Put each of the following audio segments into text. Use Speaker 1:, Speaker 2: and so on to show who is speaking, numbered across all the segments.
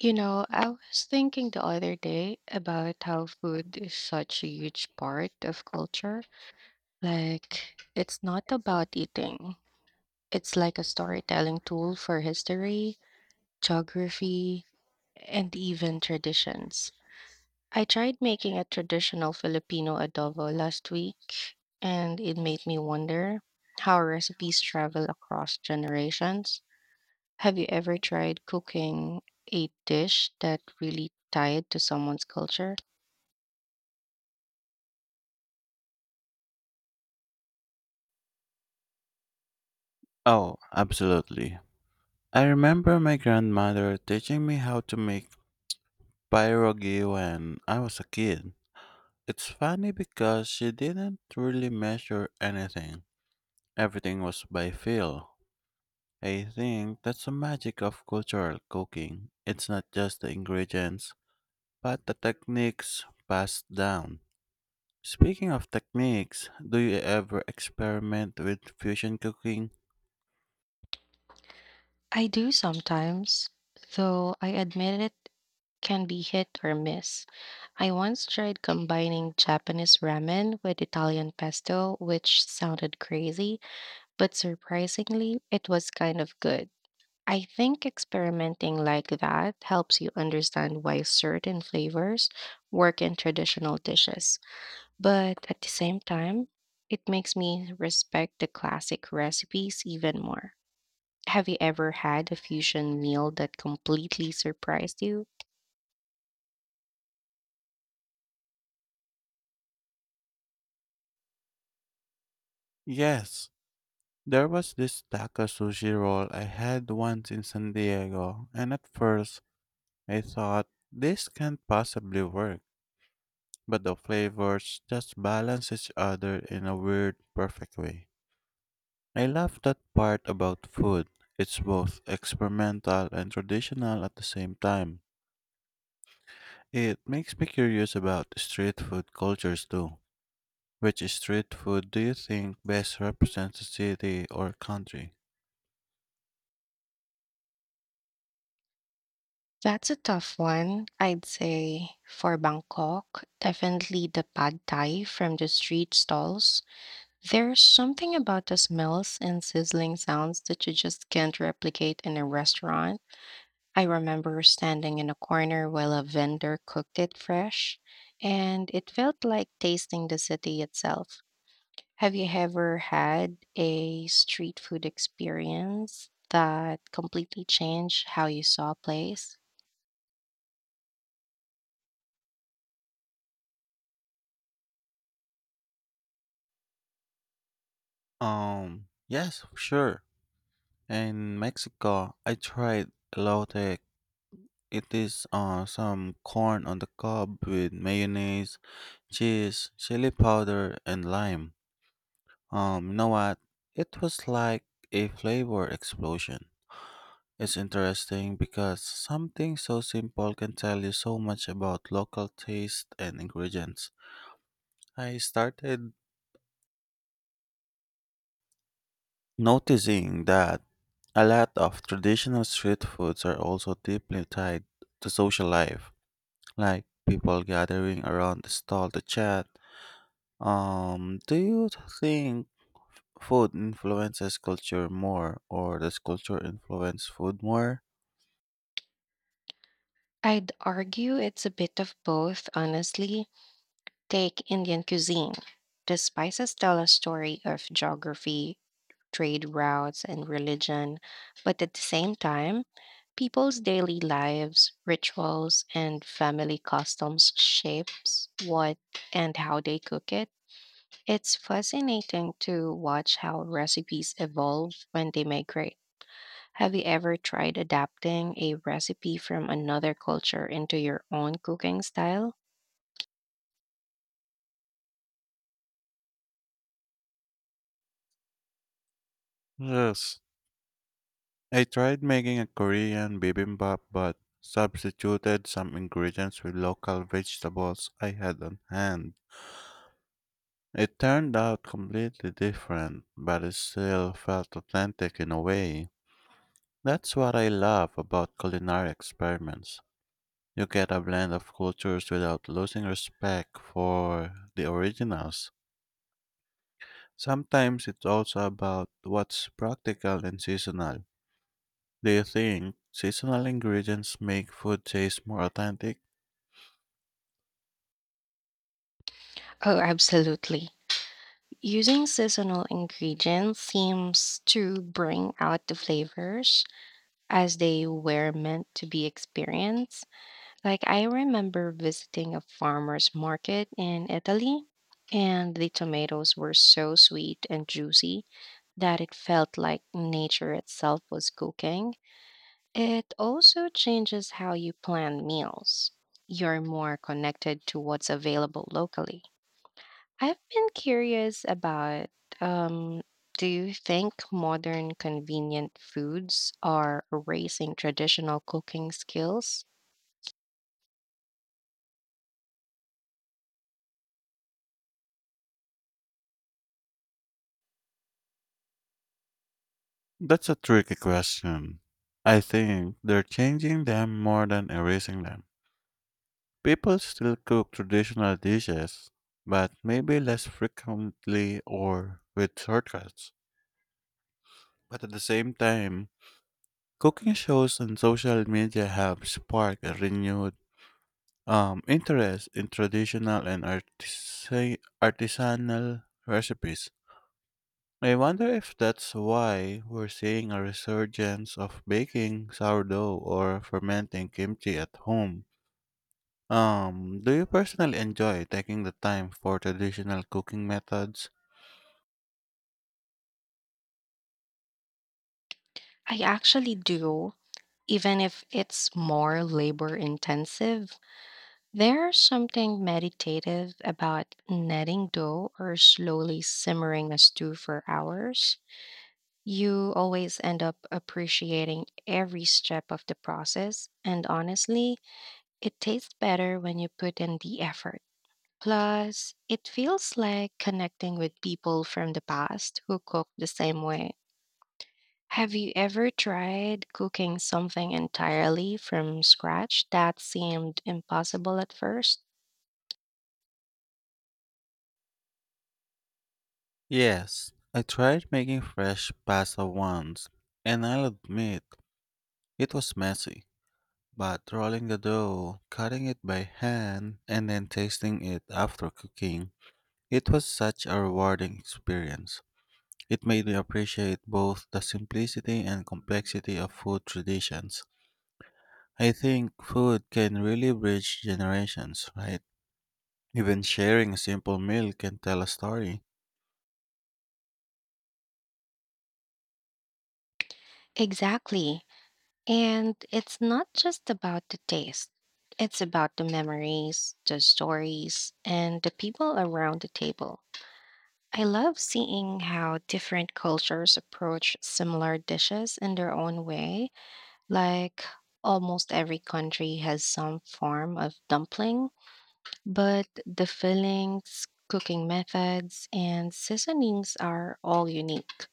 Speaker 1: You know, I was thinking the other day about how food is such a huge
Speaker 2: Slouching
Speaker 1: part
Speaker 2: rich
Speaker 1: of culture.
Speaker 2: culture
Speaker 1: Like, it's not
Speaker 2: and it's not
Speaker 1: about eating,
Speaker 2: taking
Speaker 1: it's like a
Speaker 2: it's
Speaker 1: storytelling
Speaker 2: not a
Speaker 1: tool for
Speaker 2: for
Speaker 1: history,
Speaker 2: history, film
Speaker 1: geography, and even
Speaker 2: and even
Speaker 1: traditions.
Speaker 2: traditions.
Speaker 1: I tried making a traditional Filipino adobo last week, and it made me wonder how recipes travel across generations. Have you ever tried cooking a dish that really tied to someone's culture?
Speaker 2: Oh, absolutely. I remember my grandmother teaching me how to make pierogi when I was a kid. It's funny because she didn't really measure anything. Everything was by feel. I think that's the magic of cultural cooking. It's not just the ingredients, but the techniques passed down. Speaking of techniques, do you ever experiment with fusion cooking?
Speaker 1: I do sometimes, though I admit it can be hit or miss. I once tried combining Japanese ramen with Italian pesto, which sounded crazy, but surprisingly, it was kind of good. I think experimenting like that helps you understand why certain flavors work in traditional dishes. But at the same time, it makes me respect the classic recipes even more. Have you ever had a fusion meal that completely surprised you?
Speaker 2: Yes. There was this taco sushi roll I had once in San Diego, and at first I thought this can't possibly work, but the flavors just balance each other in a weird, perfect way. I love that part about food. It's both experimental and traditional at the same time. It makes me curious about street food cultures too. Which street food do you think best represents a city or country?
Speaker 1: That's a tough one. I'd say for Bangkok, definitely the pad thai from the street stalls. There's something about the smells and sizzling sounds that you just can't replicate in a restaurant. I remember standing in a corner while a vendor cooked it fresh, and it felt like tasting the city itself. Have you ever had a street food experience that completely changed how you saw a place?
Speaker 2: Yes, sure. In Mexico, I tried elote. It is some corn on the cob with mayonnaise, cheese, chili powder, and lime. You know what? It was like a flavor explosion. It's interesting because something so simple can tell you so much about local taste and ingredients. I started noticing that a lot of traditional street foods are also deeply tied to social life, like people gathering around the stall to chat. Do you think food influences culture more, or does culture influence food more?
Speaker 1: I'd argue it's a bit of both, honestly. Take Indian cuisine. The spices tell a story of geography, trade routes, and religion. But at the same time, people's daily lives, rituals, and family customs shapes what and how they cook it. It's fascinating to watch how recipes evolve when they migrate. Have you ever tried adapting a recipe from another culture into your own cooking style?
Speaker 2: Yes, I tried making a Korean bibimbap but substituted some ingredients with local vegetables I had on hand. It turned out completely different, but it still felt authentic in a way. That's what I love about culinary experiments. You get a blend of cultures without losing respect for the originals. Sometimes it's also about what's practical and seasonal. Do you think seasonal ingredients make food taste more authentic?
Speaker 1: Oh, absolutely. Using seasonal ingredients seems to bring out the flavors as they were meant to be experienced. Like I remember visiting a farmer's market in Italy, and the tomatoes were so sweet and juicy that it felt like nature itself was cooking. It also changes how you plan meals. You're more connected to what's available locally. I've been curious about um, do you think modern convenient foods are erasing traditional cooking skills?
Speaker 2: That's a tricky question. I think they're changing them more than erasing them. People still cook traditional dishes, but maybe less frequently or with shortcuts. But at the same time, cooking shows on social media have sparked a renewed interest in traditional and artisanal recipes. I wonder if that's why we're seeing a resurgence of baking sourdough or fermenting kimchi at home. Do you personally enjoy taking the time for traditional cooking methods?
Speaker 1: I actually do, even if it's more labor intensive. There's something meditative about kneading dough or slowly simmering a stew for hours. You always end up appreciating every step of the process, and honestly, it tastes better when you put in the effort. Plus, it feels like connecting with people from the past who cook the same way. Have you ever tried cooking something entirely from scratch that seemed impossible at first?
Speaker 2: Yes, I tried making fresh pasta once, and I'll admit it was messy. But rolling the dough, cutting it by hand, and then tasting it after cooking, it was such a rewarding experience. It made me appreciate both the simplicity and complexity of food traditions. I think food can really bridge generations, right? Even sharing a simple meal can tell a story.
Speaker 1: Exactly. And it's not just about the taste, it's about the memories, the stories, and the people around the table. I love seeing how different cultures approach similar dishes in their own way. Like almost every country has some form of dumpling, but the fillings, cooking methods, and seasonings are all unique.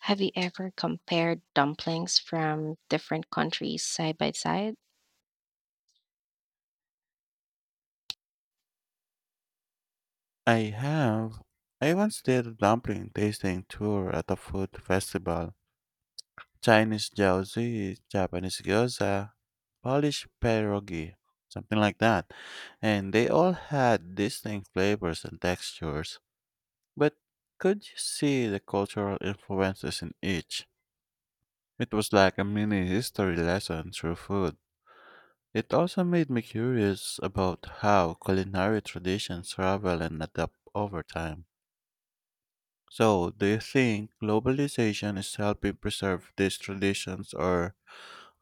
Speaker 1: Have you ever compared dumplings from different countries side by side?
Speaker 2: I have. I once did a dumpling tasting tour at a food festival. Chinese jiaozi, Japanese gyoza, Polish pierogi, something like that. And they all had distinct flavors and textures. But could you see the cultural influences in each? It was like a mini history lesson through food. It also made me curious about how culinary traditions travel and adapt over time. So, do you think globalization is helping preserve these traditions or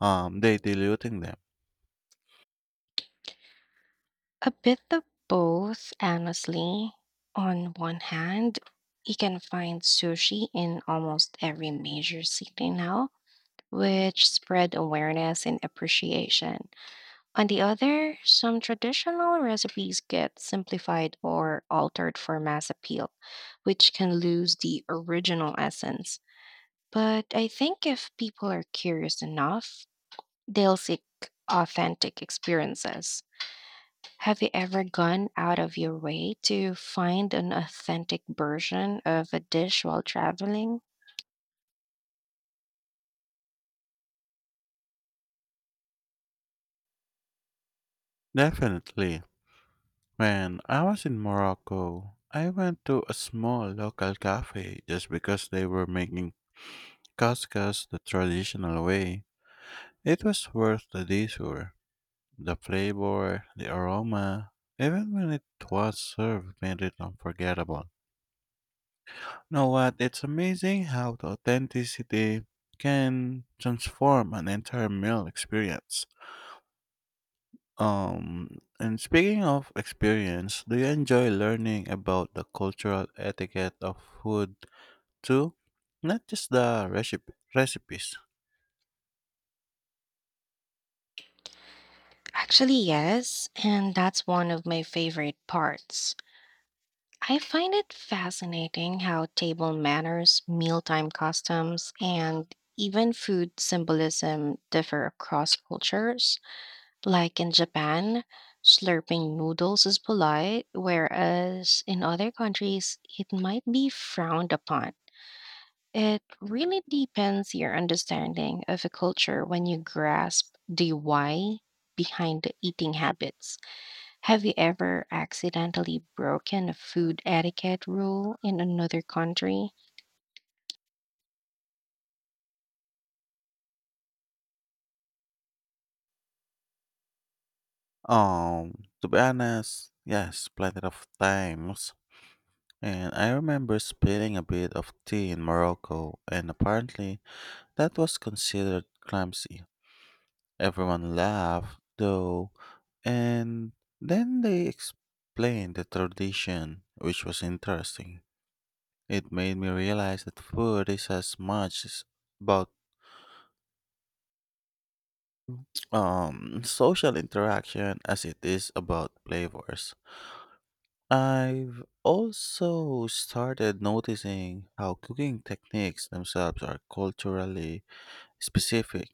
Speaker 2: they diluting them?
Speaker 1: A bit of both, honestly. On one hand, you can find sushi in almost every major city now, which spread awareness and appreciation. On the other, some traditional recipes get simplified or altered for mass appeal, which can lose the original essence. But I think if people are curious enough, they'll seek authentic experiences. Have you ever gone out of your way to find an authentic version of a dish while traveling?
Speaker 2: Definitely. When I was in Morocco, I went to a small local cafe just because they were making couscous the traditional way. It was worth the detour. The flavor, the aroma, even when it was served, made it unforgettable. Know what? It's amazing how the authenticity can transform an entire meal experience. And speaking of experience, do you enjoy learning about the cultural etiquette of food too? Not just the recipes.
Speaker 1: Actually, yes, and that's one of my favorite parts. I find it fascinating how table manners, mealtime customs, and even food symbolism differ across cultures. Like in Japan, slurping noodles is polite, whereas in other countries, it might be frowned upon. It really depends your understanding of a culture when you grasp the why behind the eating habits. Have you ever accidentally broken a food etiquette rule in another country?
Speaker 2: To be honest, yes, plenty of times. And I remember spilling a bit of tea in Morocco, and apparently that was considered clumsy. Everyone laughed, though, and then they explained the tradition, which was interesting. It made me realize that food is as much about social interaction as it is about flavors. I've also started noticing how cooking techniques themselves are culturally specific,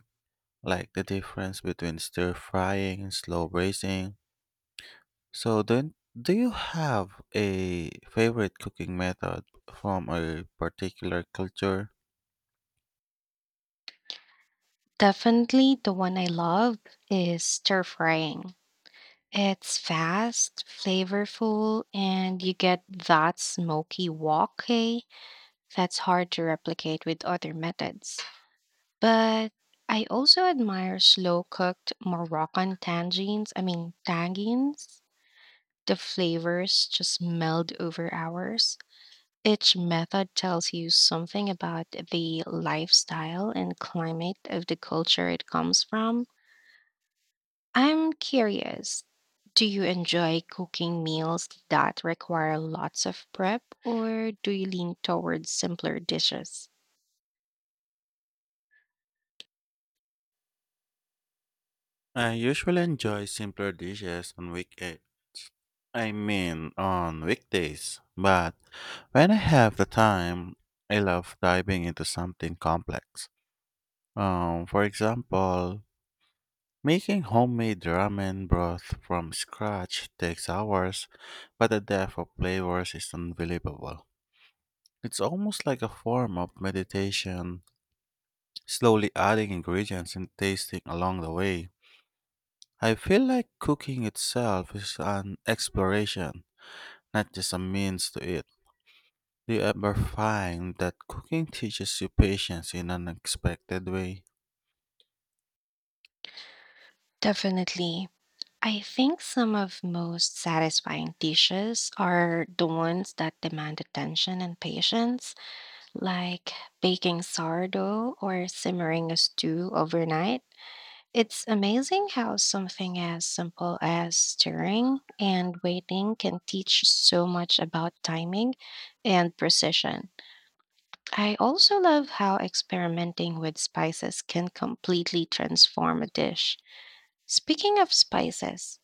Speaker 2: like the difference between stir frying and slow braising. So then do you have a favorite cooking method from a particular culture?
Speaker 1: Definitely the one I love is stir frying. It's fast, flavorful, and you get that smoky wok hey that's hard to replicate with other methods. But I also admire slow cooked Moroccan tangines. I mean, tagines. The flavors just meld over hours. Each method tells you something about the lifestyle and climate of the culture it comes from. I'm curious. Do you enjoy cooking meals that require lots of prep, or do you lean towards simpler dishes?
Speaker 2: I usually enjoy simpler dishes on weekdays, but when I have the time, I love diving into something complex. For example, making homemade ramen broth from scratch takes hours, but the depth of flavors is unbelievable. It's almost like a form of meditation, slowly adding ingredients and tasting along the way. I feel like cooking itself is an exploration, not just a means to it. Do you ever find that cooking teaches you patience in an unexpected way?
Speaker 1: Definitely. I think some of most satisfying dishes are the ones that demand attention and patience, like baking sourdough or simmering a stew overnight. It's amazing how something as simple as stirring and waiting can teach so much about timing and precision. I also love how experimenting with spices can completely transform a dish. Speaking of spices,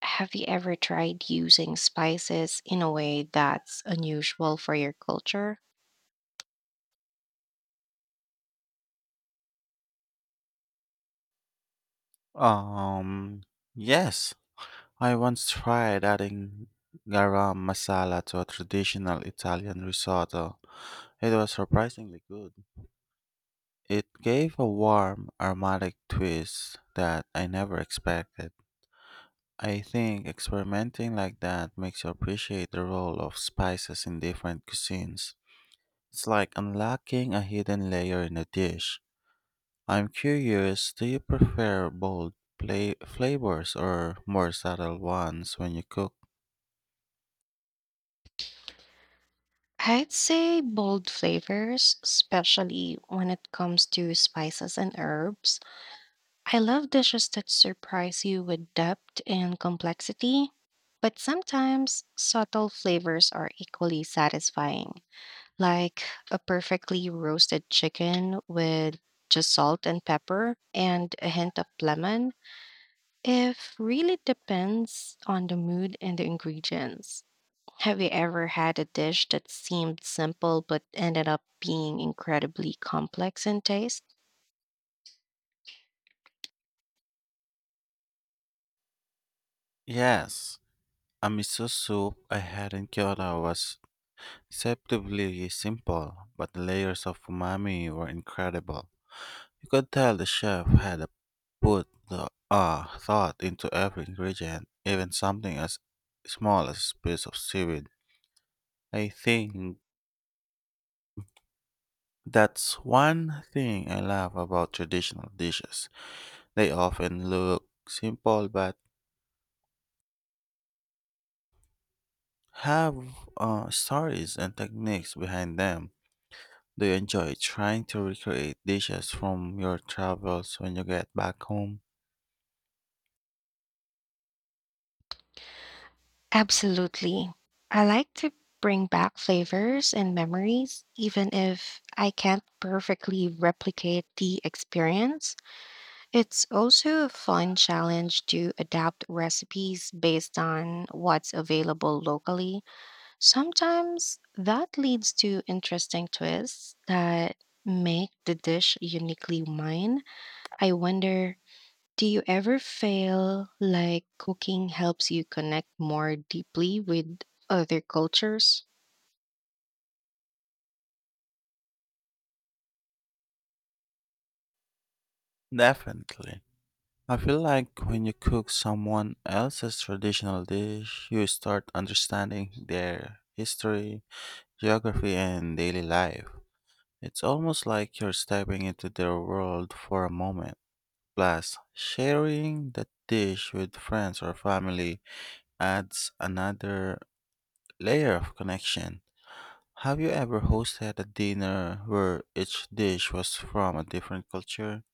Speaker 1: have you ever tried using spices in a way that's unusual for your culture?
Speaker 2: Um, yes. I once tried adding garam masala to a traditional Italian risotto. It was surprisingly good. It gave a warm, aromatic twist that I never expected. I think experimenting like that makes you appreciate the role of spices in different cuisines. It's like unlocking a hidden layer in a dish. I'm curious, do you prefer bold flavors or more subtle ones when you cook?
Speaker 1: I'd say bold flavors, especially when it comes to spices and herbs. I love dishes that surprise you with depth and complexity, but sometimes subtle flavors are equally satisfying, like a perfectly roasted chicken with just salt and pepper and a hint of lemon. If really depends on the mood and the ingredients. Have you ever had a dish that seemed simple but ended up being incredibly complex in taste?
Speaker 2: Yes, a miso soup I had in Kyoto was deceptively simple, but the layers of umami were incredible. You could tell the chef had put the thought into every ingredient, even something as small as a piece of seaweed. I think that's one thing I love about traditional dishes. They often look simple but have stories and techniques behind them. Do you enjoy trying to recreate dishes from your travels when you get back home?
Speaker 1: Absolutely. I like to bring back flavors and memories, even if I can't perfectly replicate the experience. It's also a fun challenge to adapt recipes based on what's available locally. Sometimes that leads to interesting twists that make the dish uniquely mine. I wonder, do you ever feel like cooking helps you connect more deeply with other cultures?
Speaker 2: Definitely. I feel like when you cook someone else's traditional dish, you start understanding their history, geography, and daily life. It's almost like you're stepping into their world for a moment. Plus, sharing that dish with friends or family adds another layer of connection. Have you ever hosted a dinner where each dish was from a different culture?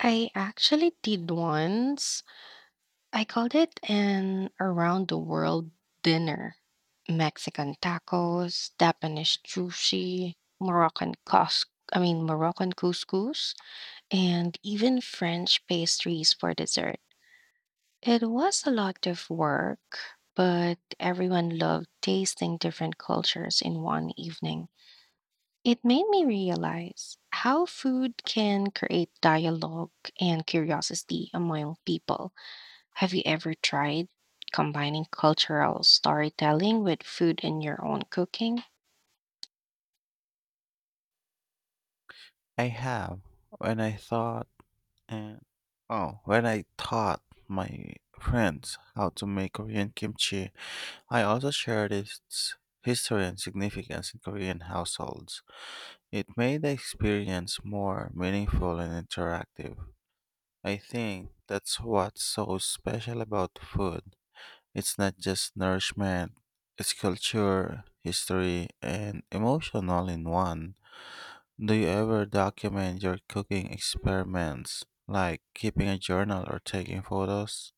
Speaker 1: I actually did once. I called it an around the world dinner. Mexican tacos, Japanese sushi, Moroccan cous I mean Moroccan couscous and even French pastries for dessert. It was a lot of work, but everyone loved tasting different cultures in one evening. It made me realize how food can create dialogue and curiosity among people. Have you ever tried combining cultural storytelling with food in your own cooking?
Speaker 2: I have. When I thought and oh, when I taught my friends how to make Korean kimchi, I also shared its history and significance in Korean households. It made the experience more meaningful and interactive. I think that's what's so special about food. It's not just nourishment, it's culture, history, and emotion all in one. Do you ever document your cooking experiments, like keeping a journal or taking photos?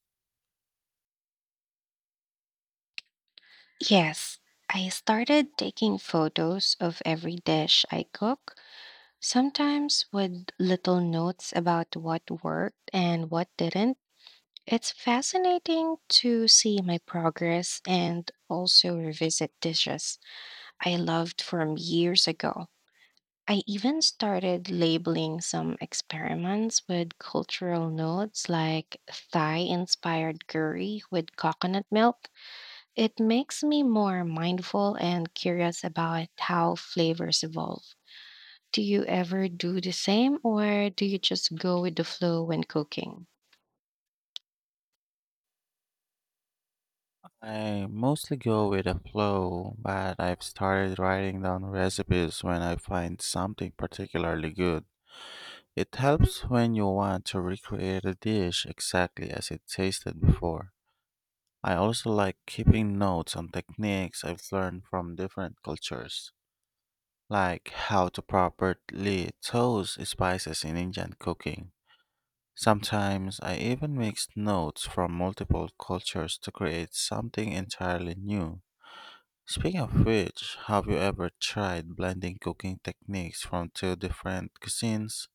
Speaker 1: Yes, I started taking photos of every dish I cook, sometimes with little notes about what worked and what didn't. It's fascinating to see my progress and also revisit dishes I loved from years ago. I even started labeling some experiments with cultural notes like Thai inspired curry with coconut milk. It makes me more mindful and curious about how flavors evolve. Do you ever do the same or do you just go with the flow when cooking?
Speaker 2: I mostly go with the flow, but I've started writing down recipes when I find something particularly good. It helps when you want to recreate a dish exactly as it tasted before. I also like keeping notes on techniques I've learned from different cultures, like how to properly toast spices in Indian cooking. Sometimes I even mix notes from multiple cultures to create something entirely new. Speaking of which, have you ever tried blending cooking techniques from two different cuisines?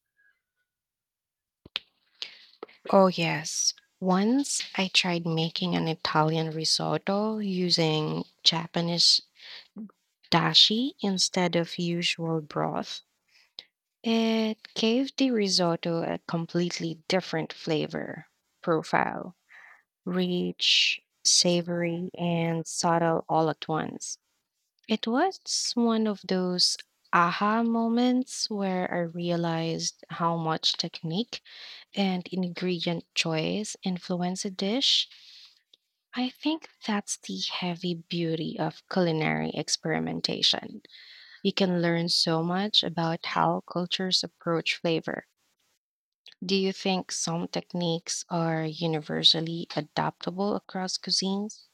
Speaker 1: Oh, yes. Once I tried making an Italian risotto using Japanese dashi instead of usual broth. It gave the risotto a completely different flavor profile, rich, savory, and subtle all at once. It was one of those aha moments where I realized how much technique and ingredient choice influence a dish. I think that's the heavy beauty of culinary experimentation. You can learn so much about how cultures approach flavor. Do you think some techniques are universally adaptable across cuisines?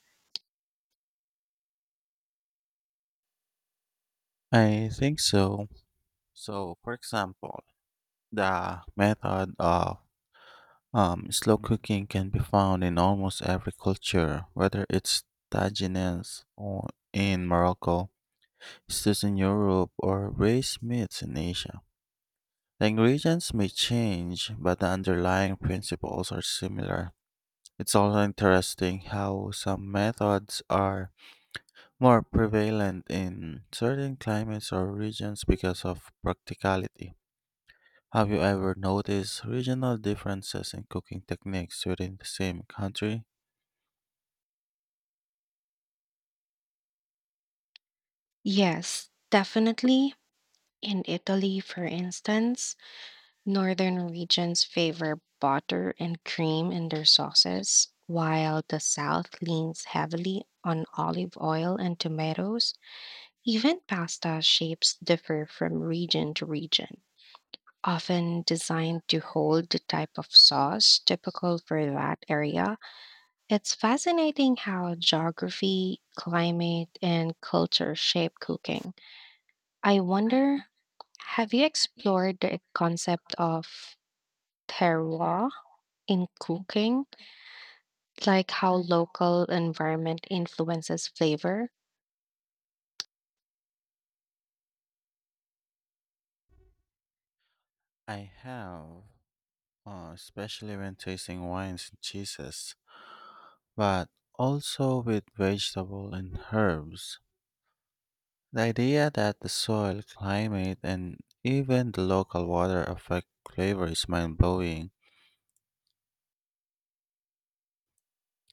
Speaker 2: I think so. So, for example, the method of slow cooking can be found in almost every culture, whether it's tagines or in Morocco, stews in Europe, or braised meats in Asia. The ingredients may change, but the underlying principles are similar. It's also interesting how some methods are more prevalent in certain climates or regions because of practicality. Have you ever noticed regional differences in cooking techniques within the same country?
Speaker 1: Yes, definitely. In Italy, for instance, Northern regions favor butter and cream in their sauces, while the South leans heavily on olive oil and tomatoes. Even pasta shapes differ from region to region, often designed to hold the type of sauce typical for that area. It's fascinating how geography, climate, and culture shape cooking. I wonder, have you explored the concept of terroir in cooking, like how local environment influences flavor?
Speaker 2: I have, especially when tasting wines and cheeses, but also with vegetable and herbs. The idea that the soil, climate, and even the local water affect flavor is mind blowing.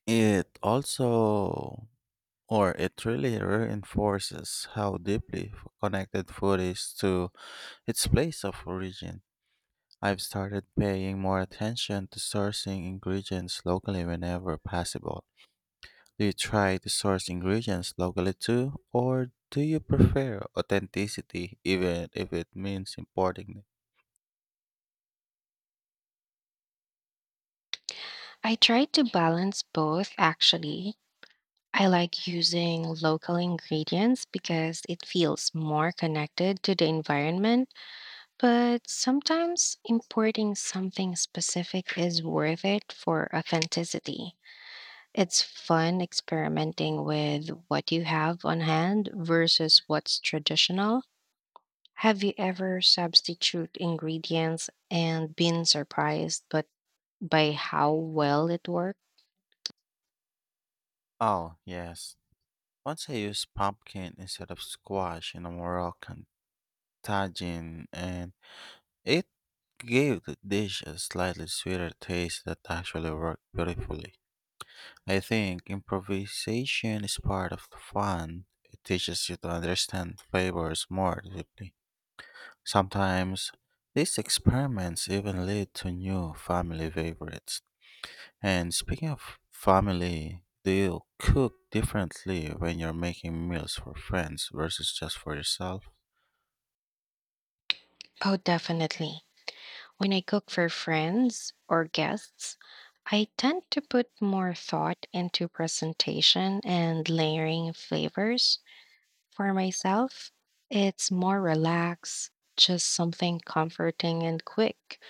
Speaker 2: It also, or it really reinforces how deeply connected food is to its place of origin. I've started paying more attention to sourcing ingredients locally whenever possible. Do you try to source ingredients locally too, or do you prefer authenticity even if it means importing them?
Speaker 1: I try to balance both actually. I like using local ingredients because it feels more connected to the environment, but sometimes importing something specific is worth it for authenticity. It's fun experimenting with what you have on hand versus what's traditional. Have you ever substitute ingredients and been surprised but by how well it worked?
Speaker 2: Oh, yes. Once I used pumpkin instead of squash in a Moroccan tagine, and it gave the dish a slightly sweeter taste that actually worked beautifully. I think improvisation is part of the fun. It teaches you to understand flavors more deeply. Sometimes these experiments even lead to new family favorites. And speaking of family, do you cook differently when you're making meals for friends versus just for yourself?
Speaker 1: Oh, definitely. When I cook for friends or guests, I tend to put more thought into presentation and layering flavors. For myself, it's more relaxed, just something comforting and quick.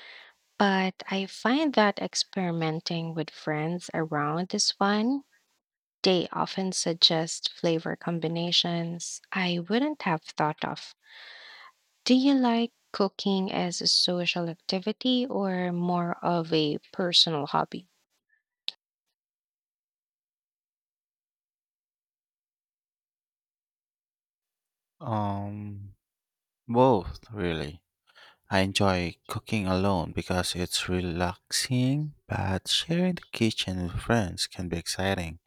Speaker 1: But I find that experimenting with friends around is fun. They often suggest flavor combinations I wouldn't have thought of. Do you like cooking as a social activity or more of a personal hobby?
Speaker 2: Um, both, really. I enjoy cooking alone because it's relaxing, but sharing the kitchen with friends can be exciting.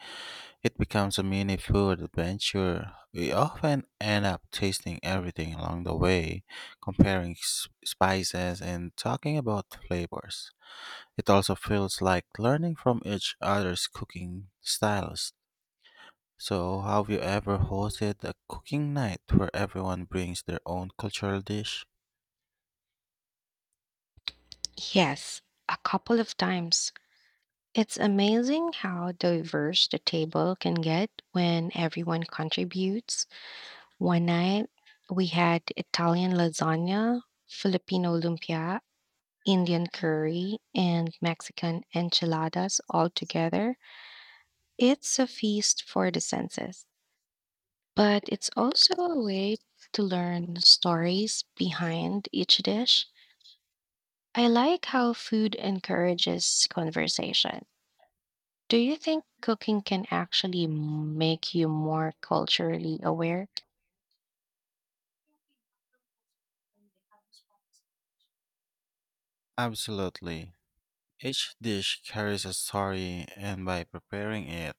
Speaker 2: It becomes a mini food adventure. We often end up tasting everything along the way, comparing spices and talking about flavors. It also feels like learning from each other's cooking styles. So, have you ever hosted a cooking night where everyone brings their own cultural dish?
Speaker 1: Yes, a couple of times. It's amazing how diverse the table can get when everyone contributes. One night, we had Italian lasagna, Filipino lumpia, Indian curry, and Mexican enchiladas all together. It's a feast for the senses, but it's also a way to learn stories behind each dish. I like how food encourages conversation. Do you think cooking can actually make you more culturally aware?
Speaker 2: Absolutely. Each dish carries a story, and by preparing it,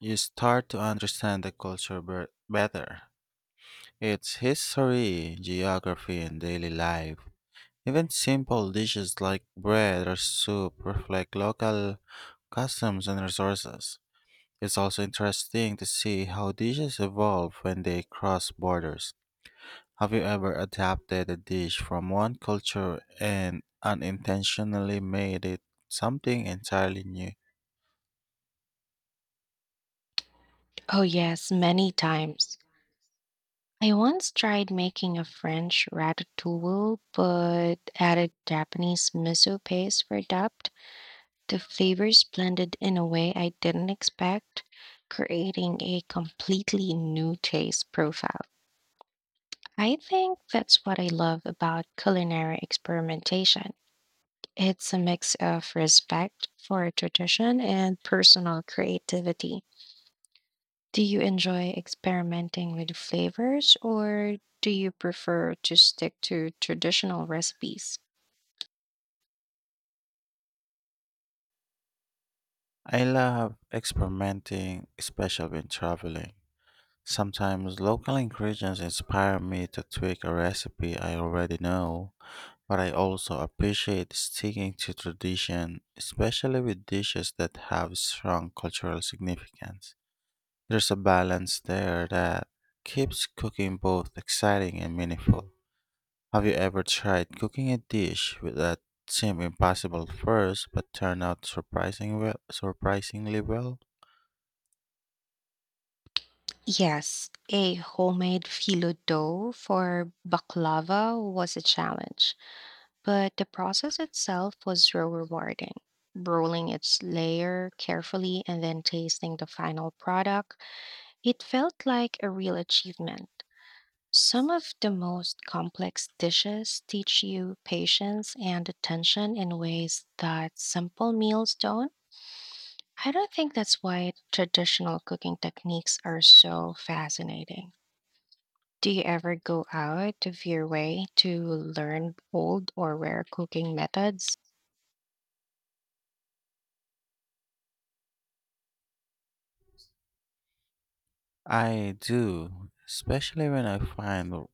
Speaker 2: you start to understand the culture better, its history, geography, and daily life. Even simple dishes like bread or soup reflect local customs and resources. It's also interesting to see how dishes evolve when they cross borders. Have you ever adapted a dish from one culture and unintentionally made it something entirely new?
Speaker 1: Oh, yes, many times. I once tried making a French ratatouille, but added Japanese miso paste for depth. The flavors blended in a way I didn't expect, creating a completely new taste profile. I think that's what I love about culinary experimentation. It's a mix of respect for tradition and personal creativity. Do you enjoy experimenting with flavors or do you prefer to stick to traditional recipes?
Speaker 2: I love experimenting, especially when traveling. Sometimes local ingredients inspire me to tweak a recipe I already know, but I also appreciate sticking to tradition, especially with dishes that have strong cultural significance. There's a balance there that keeps cooking both exciting and meaningful. Have you ever tried cooking a dish with that seemed impossible at first but turned out surprisingly well?
Speaker 1: Yes, a homemade filo dough for baklava was a challenge, but the process itself was so rewarding. Rolling its layer carefully and then tasting the final product, it felt like a real achievement. Some of the most complex dishes teach you patience and attention in ways that simple meals don't. I don't think that's why traditional cooking techniques are so fascinating. Do you ever go out of your way to learn old or rare cooking methods?
Speaker 2: I do, especially when I find